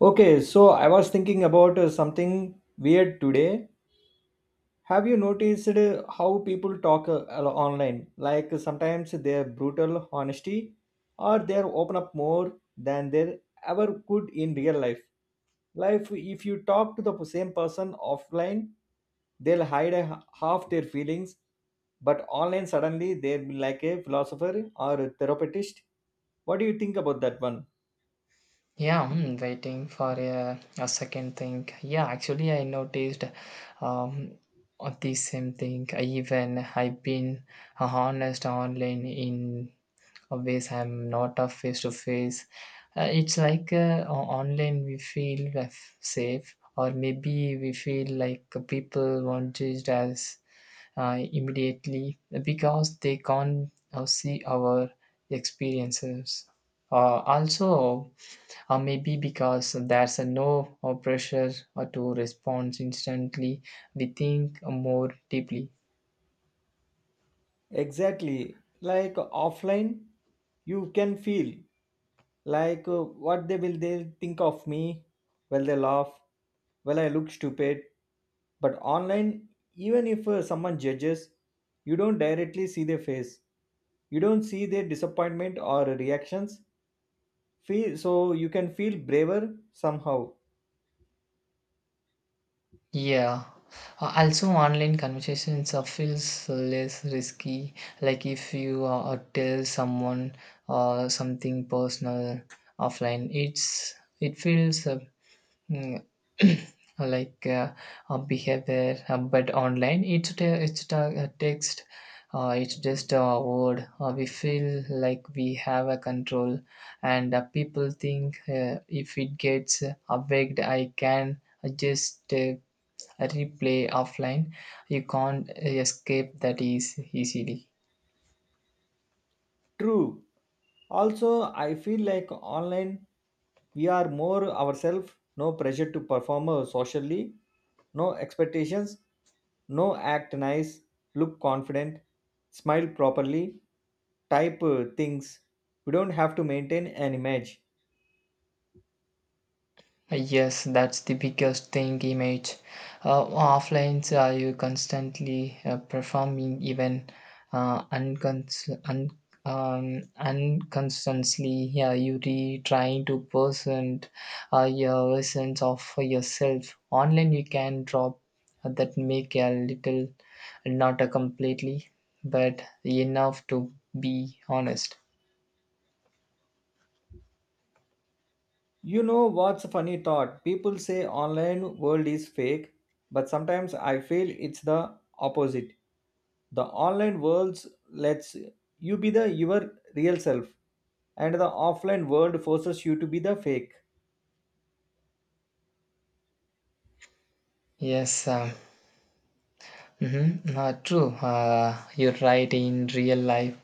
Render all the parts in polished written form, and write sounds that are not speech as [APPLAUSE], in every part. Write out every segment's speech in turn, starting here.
Okay, so I was thinking about something weird today. Have you noticed how people talk online? Like sometimes their brutal honesty, or they open up more than they ever could in real life. If you talk to the same person offline, they'll hide half their feelings, but online suddenly they'll be like a philosopher or a therapist. What do you think about that one? Yeah, I'm waiting for a second thing. Yeah, actually, I noticed um, the same thing. I Even I've been honest online in always I'm not a face to face. It's like online we feel safe, or maybe we feel like people won't judge immediately because they can't see our experiences also, or maybe because there's a no or pressure or to respond instantly we think more deeply. Exactly. Like offline, you can feel like what they will they think of me. Will they laugh? Will I look stupid? But online, even if someone judges, you don't directly see their face. You don't see their disappointment or reactions. Feel so you can feel braver somehow. Yeah. Also, online conversations feels less risky. Like if you tell someone something personal offline, it feels mm, [CLEARS THROAT] like a behavior. But online, it's a text. It's just a word. We feel like we have a control, and people think if it gets awaked, I can just replay offline. You can't escape that is easily. True. Also, I feel like online we are more ourselves, no pressure to perform socially, no expectations, no act nice, look confident, smile properly, type things. We don't have to maintain an image. Yes, that's the biggest thing. Image offline, you constantly performing even uh, uncons- un- unconsciously. Yeah, you re trying to present your essence of yourself. Online, you can drop that make a little, not a completely, but enough to be honest. You know what's a funny thought? People say online world is fake, but sometimes I feel it's the opposite. The online world lets you be the your real self, and the offline world forces you to be the fake. Yes, mhm, true. You're right. In real life,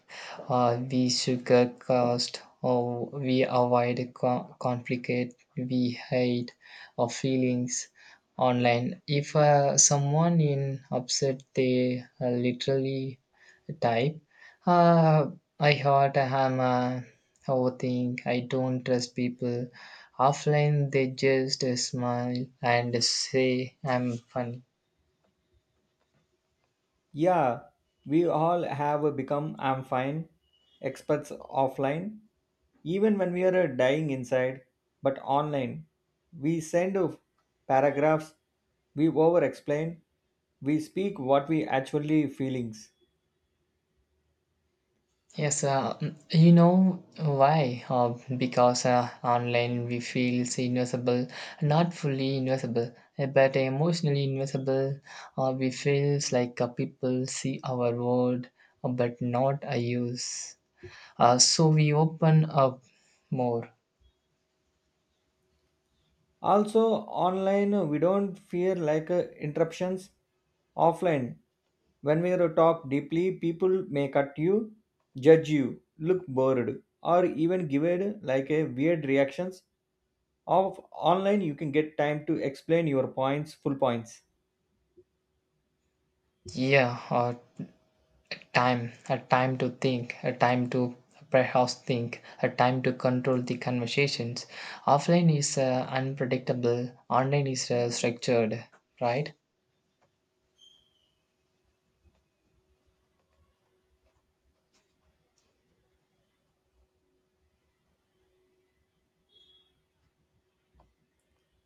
we sugarcoat or we avoid conflict. We hide our feelings online. If someone in upset, they literally type, uh, "I hurt. I'm a overthink. I don't trust people." Offline, they just smile and say, "I'm funny." Yeah, we all have become "I'm fine" experts offline, even when we are dying inside. But online we send paragraphs, we over explain, we speak what we actually feelings. Yes, you know why? Because online we feel invisible, not fully invisible, but emotionally invisible. We feels like people see our word, but not our use. So we open up more. Also online we don't fear like interruptions offline. When we are talk deeply, people may cut you, judge you, look bored, or even give it like a weird reactions of online. You can get time to explain your points, full points. Yeah, time, a time to think, a time to perhaps think, a time to control the conversations. Offline is unpredictable, online is structured, right?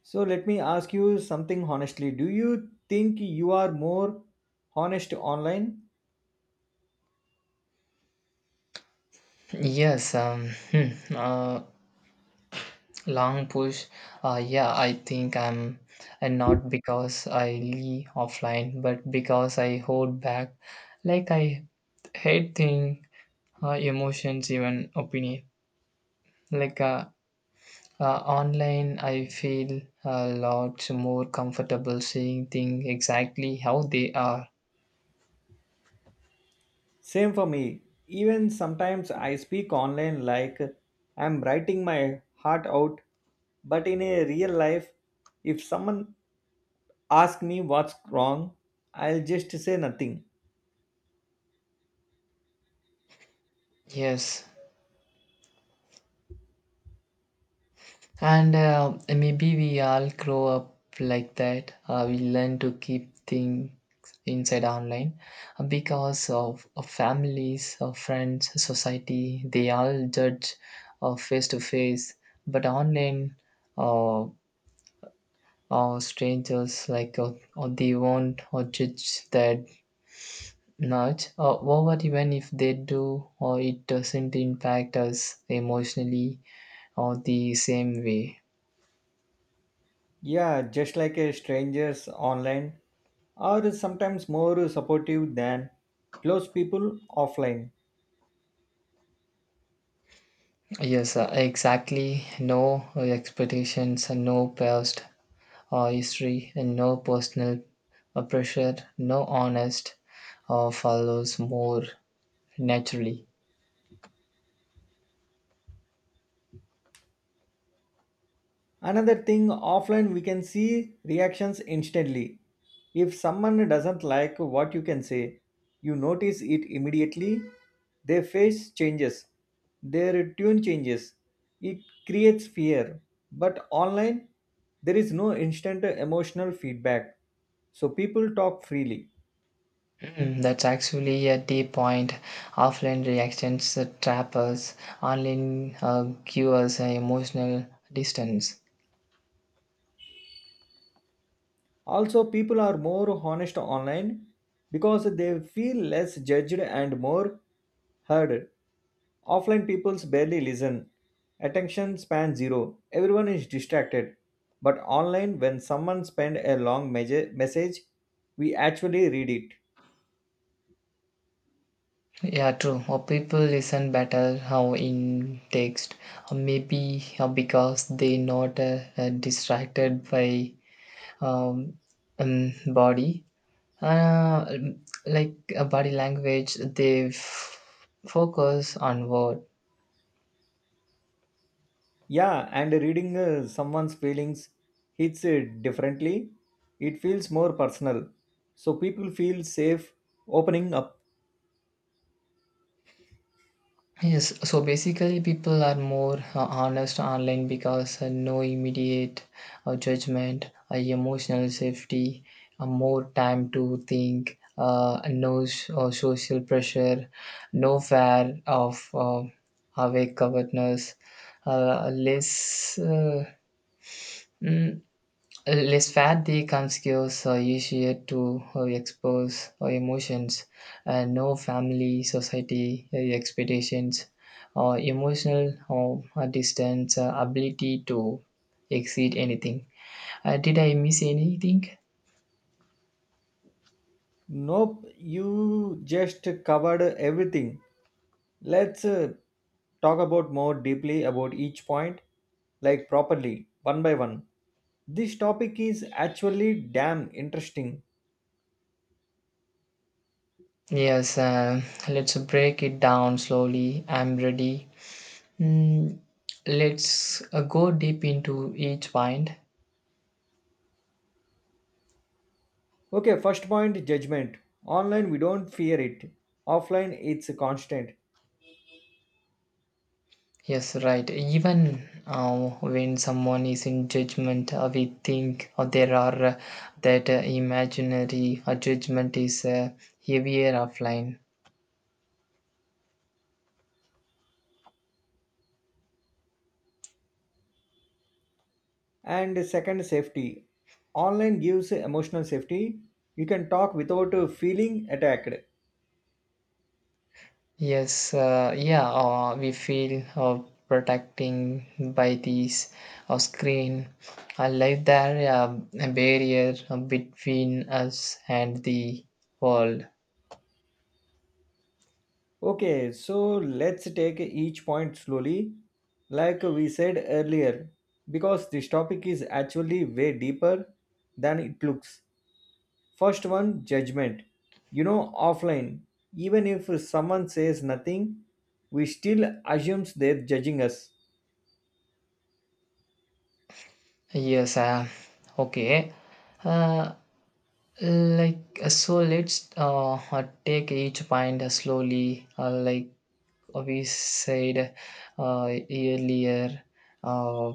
So let me ask you something honestly. Do you think you are more honest online? Yes, hmm, uh, long push. Yeah, I think. And not because I leave offline, but because I hold back. Like I hate thing, emotions, even opinion. Like uh, Online, I feel a lot more comfortable seeing things exactly how they are. Same for me. Even sometimes I speak online like I'm writing my heart out, but in a real life, if someone asks me what's wrong, I'll just say nothing. Yes, and maybe we all grow up like that. We learn to keep things inside online because of families, of friends, society. They all judge face to face, but online, uh, or strangers like or they won't or judge that nudge or over even if they do or it doesn't impact us emotionally or the same way. Yeah, just like a stranger's online, or sometimes more supportive than close people offline. Yes, exactly, no expectations and no past or history and no personal pressure, no honest follows more naturally. Another thing, offline we can see reactions instantly. If someone doesn't like what you can say, you notice it immediately. Their face changes, their tune changes. It creates fear. But online, there is no instant emotional feedback. So people talk freely. Mm, that's actually a deep point. Offline reactions trap us, online give us an emotional distance. Also, people are more honest online because they feel less judged and more heard. Offline peoples barely listen. Attention span zero. Everyone is distracted. But online, when someone send a long message, we actually read it. Yeah, true. Or people listen better how in text, or maybe because they not distracted by um, body, uh, like body language. Focus on word. Yeah, and reading someone's feelings hits differently. It feels more personal. So people feel safe opening up. Yes, so basically, people are more honest online because no immediate judgment, emotional safety, more time to think, no social pressure, no fear of awake awareness, uh, less. Uh, mm, Less fat the conspicuous are easier to expose emotions, and no family, society expectations, or emotional or distance ability to exceed anything. Did I miss anything? Nope, you just covered everything. Let's talk about more deeply about each point, like properly, one by one. This topic is actually damn interesting. Yes, let's break it down slowly. I'm ready. Mm, let's go deep into each point. Okay, first point, judgment. Online, we don't fear it. Offline, it's constant. Yes, right. Even when someone is in judgment, we think there are that imaginary judgment is heavier offline. And second, safety. Online gives emotional safety. You can talk without feeling attacked. Yes, yeah, we feel protecting by these screen. I like there a barrier between us and the world. Okay, so let's take each point slowly, like we said earlier, because this topic is actually way deeper than it looks. First one, judgment. You know, offline, even if someone says nothing, we still assumes they're judging us. Yes, okay. Uh, like so let's take each point slowly like we said earlier uh,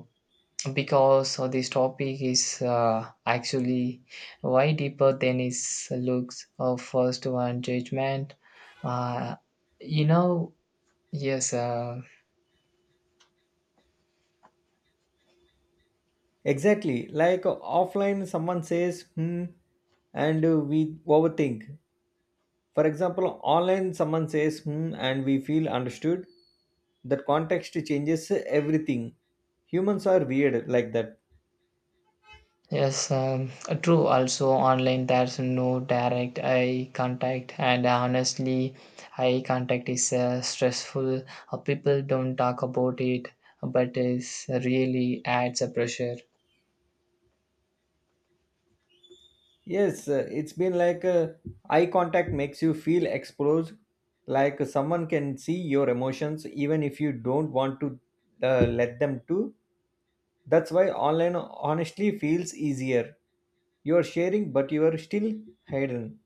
because this topic is actually way deeper than it looks, first one judgment, uh, you know yes uh, Exactly, like offline, someone says, hmm, and we overthink. For example, online, someone says, hmm, and we feel understood. That context changes everything. Humans are weird like that. Yes, true. Also, online there's no direct eye contact, and honestly, eye contact is stressful. People don't talk about it, but it really adds a pressure. Yes, it's been like eye contact makes you feel exposed, like someone can see your emotions even if you don't want to let them to. That's why online honestly feels easier. You are sharing, but you are still hidden.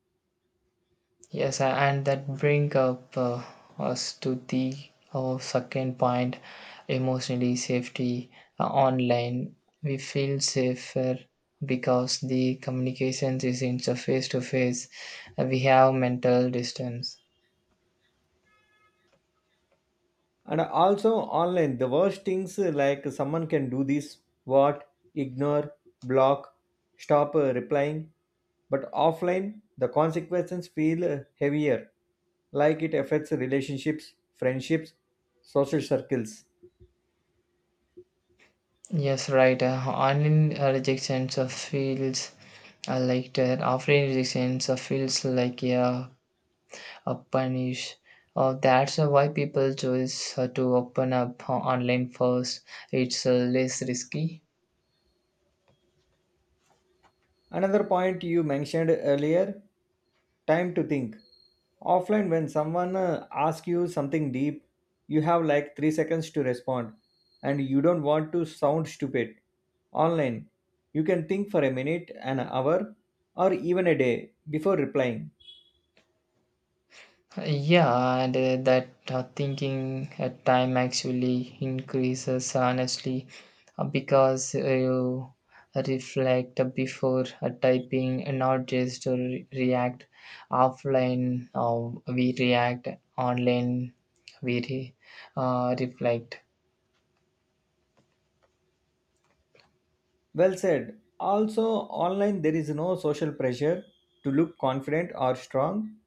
Yes, and that bring up us to the second point, emotionally safety online. We feel safer because the communications is in face to face. We have mental distance. And also online the worst things like someone can do this, what, ignore, block, stop replying. But offline the consequences feel heavier, like it affects relationships, friendships, social circles. Yes, right. Online rejections feels like that. Offline rejections feels like yeah, a punish. That's why people choose to open up online first. It's less risky. Another point you mentioned earlier, time to think. Offline, when someone asks you something deep, you have like 3 seconds to respond, and you don't want to sound stupid. Online, you can think for a minute, an hour, or even a day before replying. Yeah, and that thinking at time actually increases honestly because you reflect before typing and not just react offline, or we react online we reflect. Well said. Also, online, there is no social pressure to look confident or strong.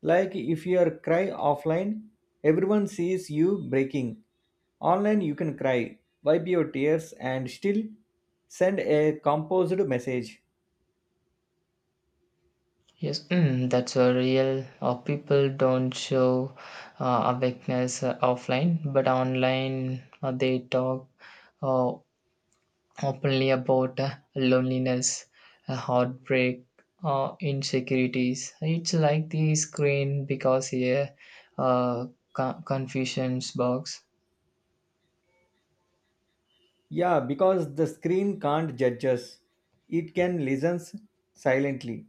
Like if you are cry offline, everyone sees you breaking. Online, you can cry, wipe your tears, and still send a composed message. Yes, mm, that's a real people don't show awakeness offline, but online they talk uh, openly about loneliness, heartbreak, or insecurities. It's like the screen because a uh, confusions box. Yeah, because the screen can't judge us, it can listen silently.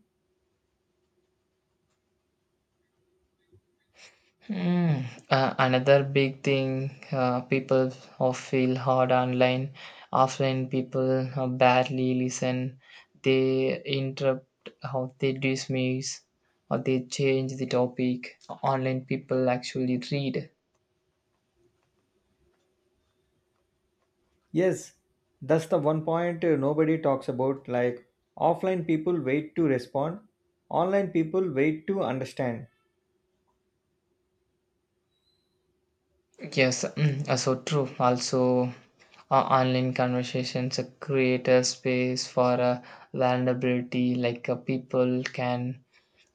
Hmm. Another big thing, people of feel hard online. Often people barely listen. They interrupt or they dismiss or they change the topic. Online people actually read. Yes, that's the one point nobody talks about. Like offline people wait to respond, online people wait to understand. Yes, mm, so true. Also, online conversations create a space for a vulnerability, like people can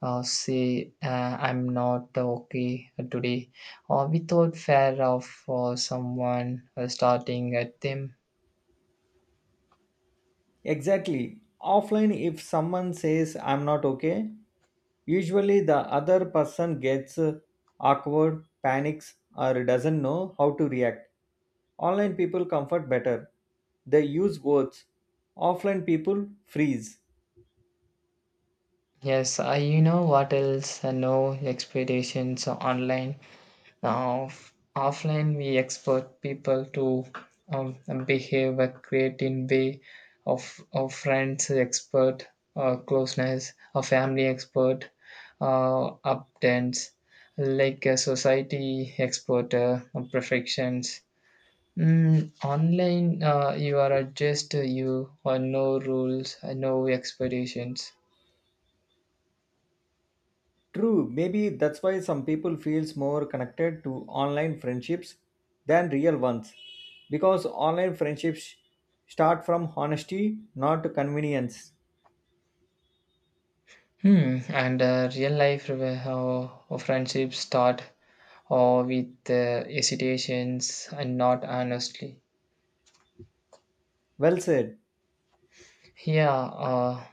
say, "I'm not okay today," or without fear of someone starting at them. Exactly. Offline, if someone says, "I'm not okay," usually the other person gets awkward, panics, or doesn't know how to react. Online people comfort better. They use words. Offline people freeze. Yes, you know what else? No expectations online. Offline, we expect people to um, behave a creating way of friends expert, closeness, a family expert, uptends, like a society expert, perfections. Mm, online, you are just you, or no rules, no expectations. True, maybe that's why some people feels more connected to online friendships than real ones. Because online friendships start from honesty, not convenience. Hmm, and real life friendships start or with hesitations and not honestly. Well said. Yeah, uh,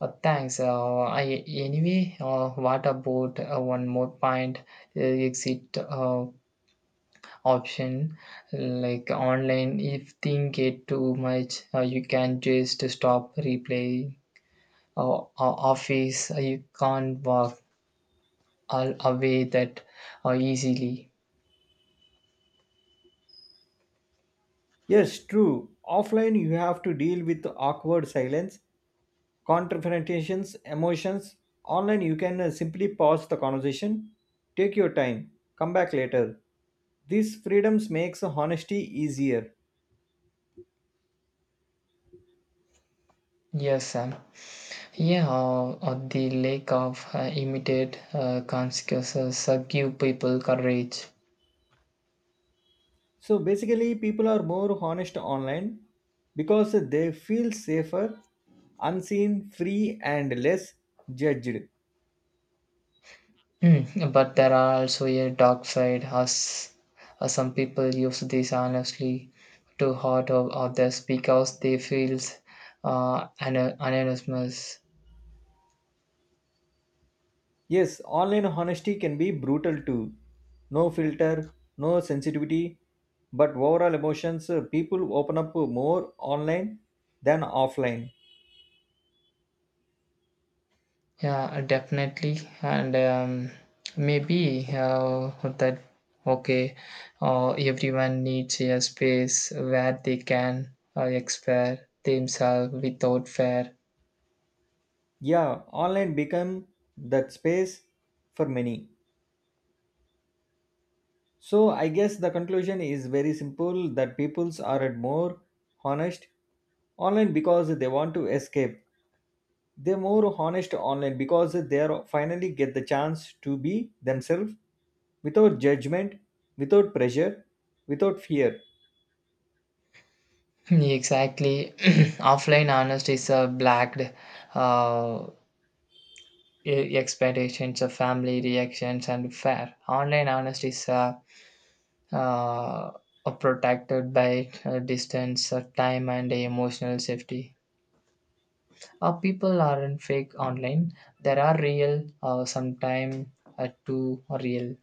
uh, thanks. I anyway, what about one more point? Exit option, like online. If thing get too much, you can just stop replaying. Office, you can't walk all away that easily. Yes, true. Offline, you have to deal with awkward silence, confrontations, emotions. Online, you can simply pause the conversation, take your time, come back later. These freedoms makes honesty easier. Yes, Sam. Yeah, or the lack of immediate consequences give people courage. So basically, people are more honest online because they feel safer, unseen, free, and less judged. Hmm, but there are also a dark side, as some people use this honestly to hurt others because they feel an anonymous. Yes, online honesty can be brutal too. No filter, no sensitivity, but overall emotions, people open up more online than offline. Yeah, definitely. And maybe that, okay, everyone needs a space where they can express themselves without fear. Yeah, online become that space for many. So I guess the conclusion is very simple, that peoples are at more honest online because they want to escape. They're more honest online because they are finally get the chance to be themselves, without judgment, without pressure, without fear. [LAUGHS] Exactly. [CLEARS THROAT] Offline honesty is a blacked uh, expectations of family reactions and fair. Online honesty is uh, protected by distance, time, and emotional safety. People aren't fake online. There are real, sometimes too real.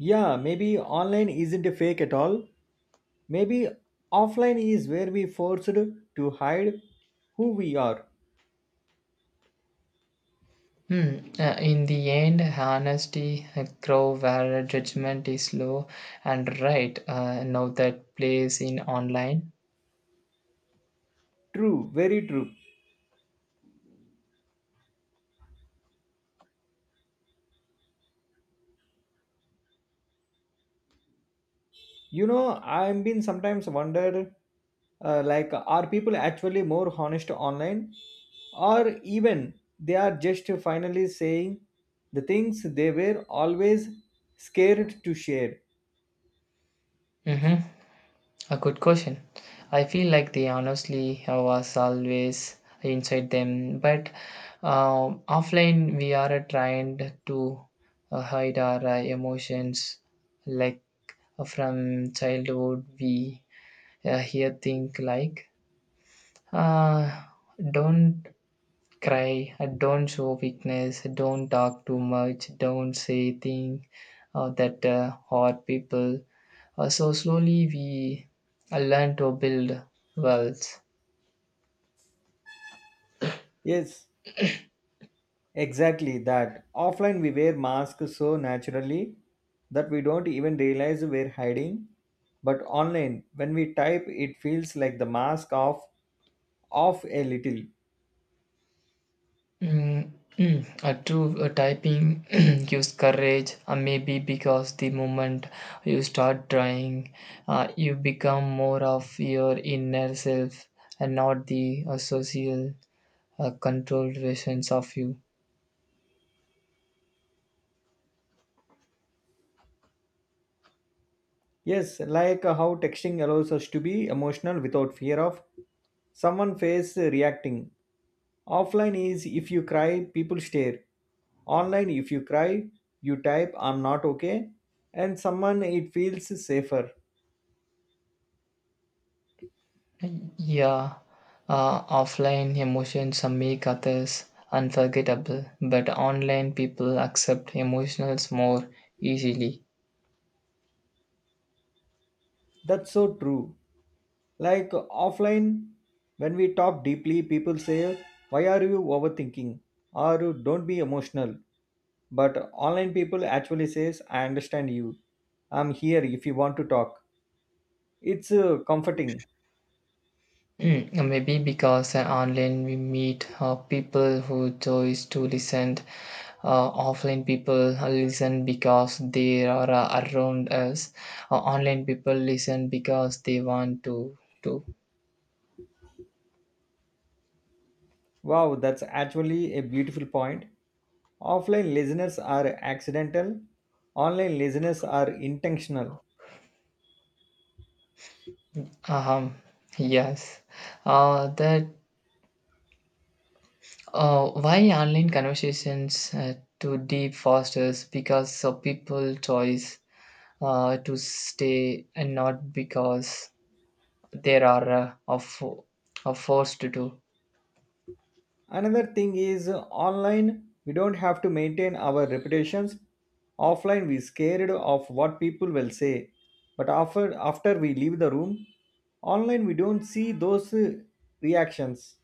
Yeah, maybe online isn't fake at all. Maybe offline is where we forced to hide who we are. Hmm. In the end, honesty grow where judgment is low and right. Now that plays in online. True, very true. You know, I've been sometimes wondered, like, are people actually more honest online, or even they are just finally saying the things they were always scared to share? Hmm, a good question. I feel like they honestly was always inside them, but offline we are trained to hide our emotions. Like from childhood, we hear things like uh, "Don't cry," "Don't show weakness," "Don't talk too much," "Don't say things that hurt people." So slowly we learn to build wealth. Yes. Exactly that. Offline, we wear masks so naturally that we don't even realize we're hiding. But online, when we type, it feels like the mask off a little. Mm, mm. A true typing [CLEARS THROAT] gives courage, maybe because the moment you start trying, you become more of your inner self and not the social controlled versions of you. Yes, like how texting allows us to be emotional without fear of someone face reacting. Offline is if you cry, people stare. Online, if you cry, you type, "I'm not okay," and someone it feels safer. Yeah, offline emotions make others unforgettable, but online people accept emotions more easily. That's so true. Like offline, when we talk deeply, people say, "Why are you overthinking?" or "Don't be emotional." But online people actually says, "I understand you. I'm here if you want to talk." It's comforting. Mm, maybe because online we meet people who choose to listen. Offline people listen because they are around us. Online people listen because they want to. Wow, that's actually a beautiful point. Offline listeners are accidental, online listeners are intentional. Um, yes. That why online conversations to deep fosters because of people choice to stay and not because there are of forced to do. Another thing is online, we don't have to maintain our reputations. Offline, we scared of what people will say. But after we leave the room, online, we don't see those reactions.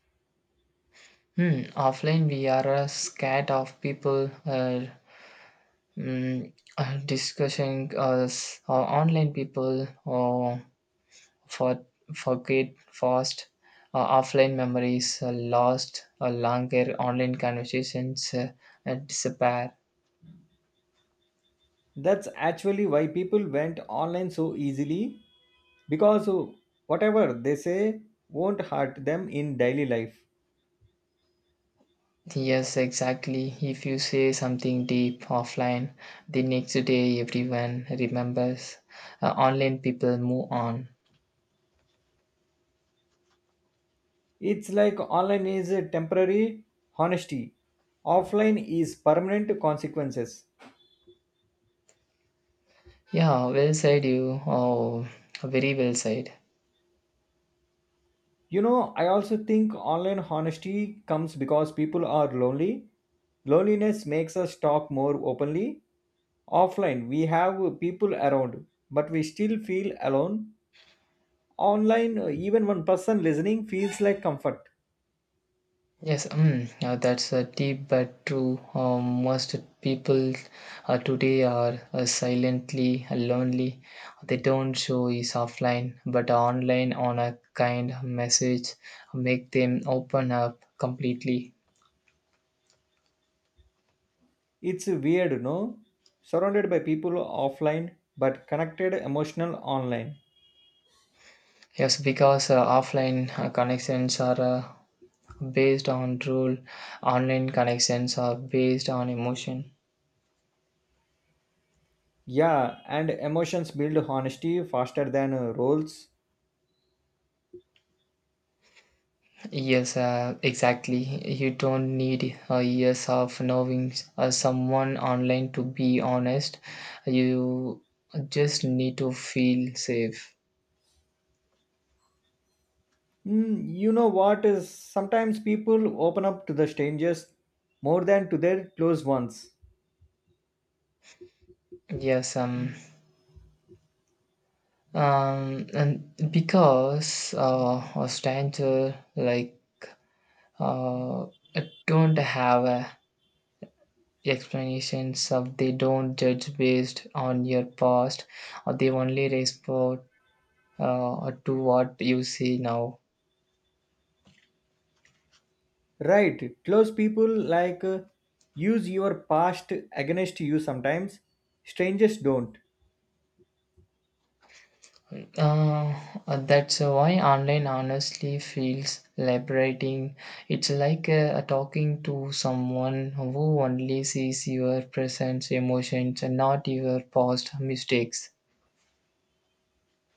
Hmm, offline, we are scared of people mm, discussing us, or online people or for forget fast. Offline memories are lost. Longer online conversations disappear. That's actually why people went online so easily, because whatever they say won't hurt them in daily life. Yes, exactly. If you say something deep offline, the next day everyone remembers. Online people move on. It's like online is a temporary honesty, offline is permanent consequences. Yeah, well said, you. Oh, very well said. You know, I also think online honesty comes because people are lonely. Loneliness makes us talk more openly. Offline, we have people around, but we still feel alone. Online, even one person listening feels like comfort. Yes, mm, that's a deep but true. Most people today are silently lonely. They don't show is offline, but online on a kind message make them open up completely. It's weird, no? Surrounded by people offline, but connected emotional online. Yes, because offline connections are based on rule, online connections are based on emotion. Yeah, and emotions build honesty faster than roles. Yes, exactly. You don't need years of knowing someone online to be honest. You just need to feel safe. You know what is sometimes people open up to the strangers more than to their close ones. Yes, and because a stranger like uh, don't have explanations of they don't judge based on your past, or they only respond to what you see now. Right. Close people like use your past against you sometimes. Strangers don't. Uh, that's why online honestly feels liberating. It's like talking to someone who only sees your present emotions and not your past mistakes.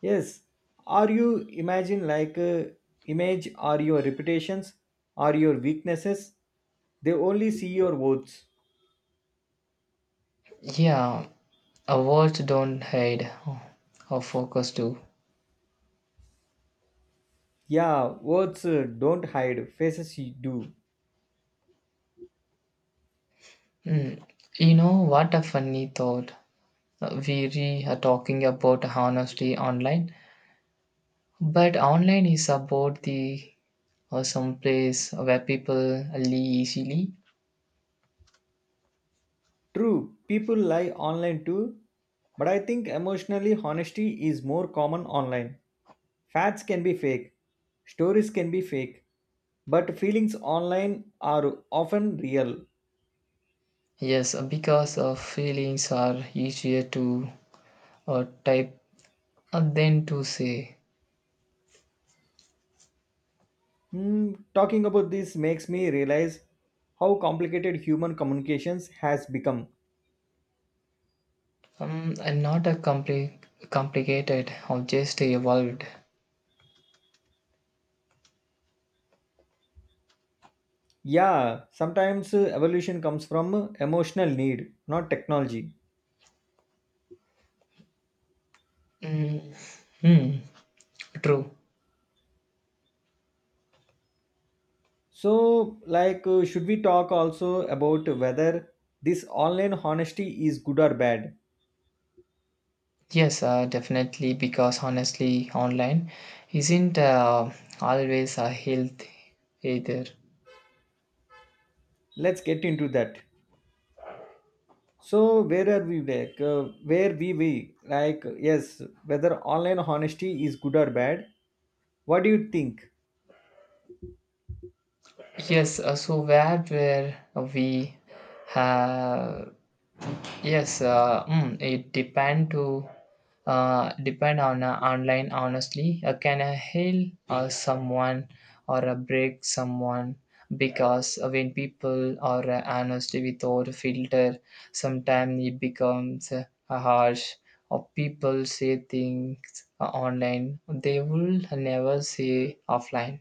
Yes. Are you imagine like image are your reputations, are your weaknesses? They only see your words. Yeah, a words don't hide or focus do. Yeah, words don't hide, faces do. Hmm. You know what a funny thought. We are talking about honesty online, but online is about the some place where people lie easily. True, people lie online too, but I think emotionally honesty is more common online. Facts can be fake, stories can be fake, but feelings online are often real. Yes, because feelings are easier to type than to say. Talking about this makes me realize how complicated human communications has become. And not a complicated, or just evolved. Yeah, sometimes evolution comes from emotional need, not technology. Mm. Hmm. True. So, like, should we talk also about whether this online honesty is good or bad? Yes, definitely. Because honestly, online isn't always a health either. Let's get into that. So, where are we? Like, where we like? Yes, whether online honesty is good or bad? What do you think? Yes. So where we have. Yes, mm, it depend on online. Honestly, can I heal someone or break someone? Because when people are honestly without filter, sometimes it becomes harsh. Or people say things online they will never say offline.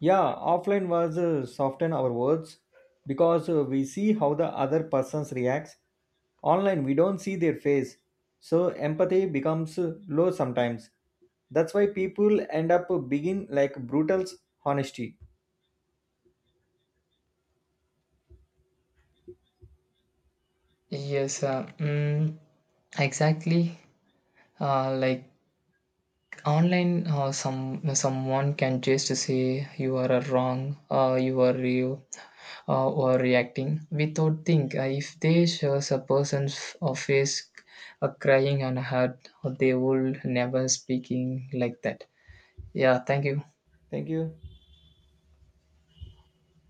Yeah, offline was soften our words because we see how the other persons reacts. Online, we don't see their face, so empathy becomes low sometimes. That's why people end up begin like brutal honesty. Yes, mm, exactly. Like online, someone can just say you are a wrong, you are you or reacting without think. If they shows a person's face crying and hurt, they will never speaking like that. Yeah, thank you. Thank you.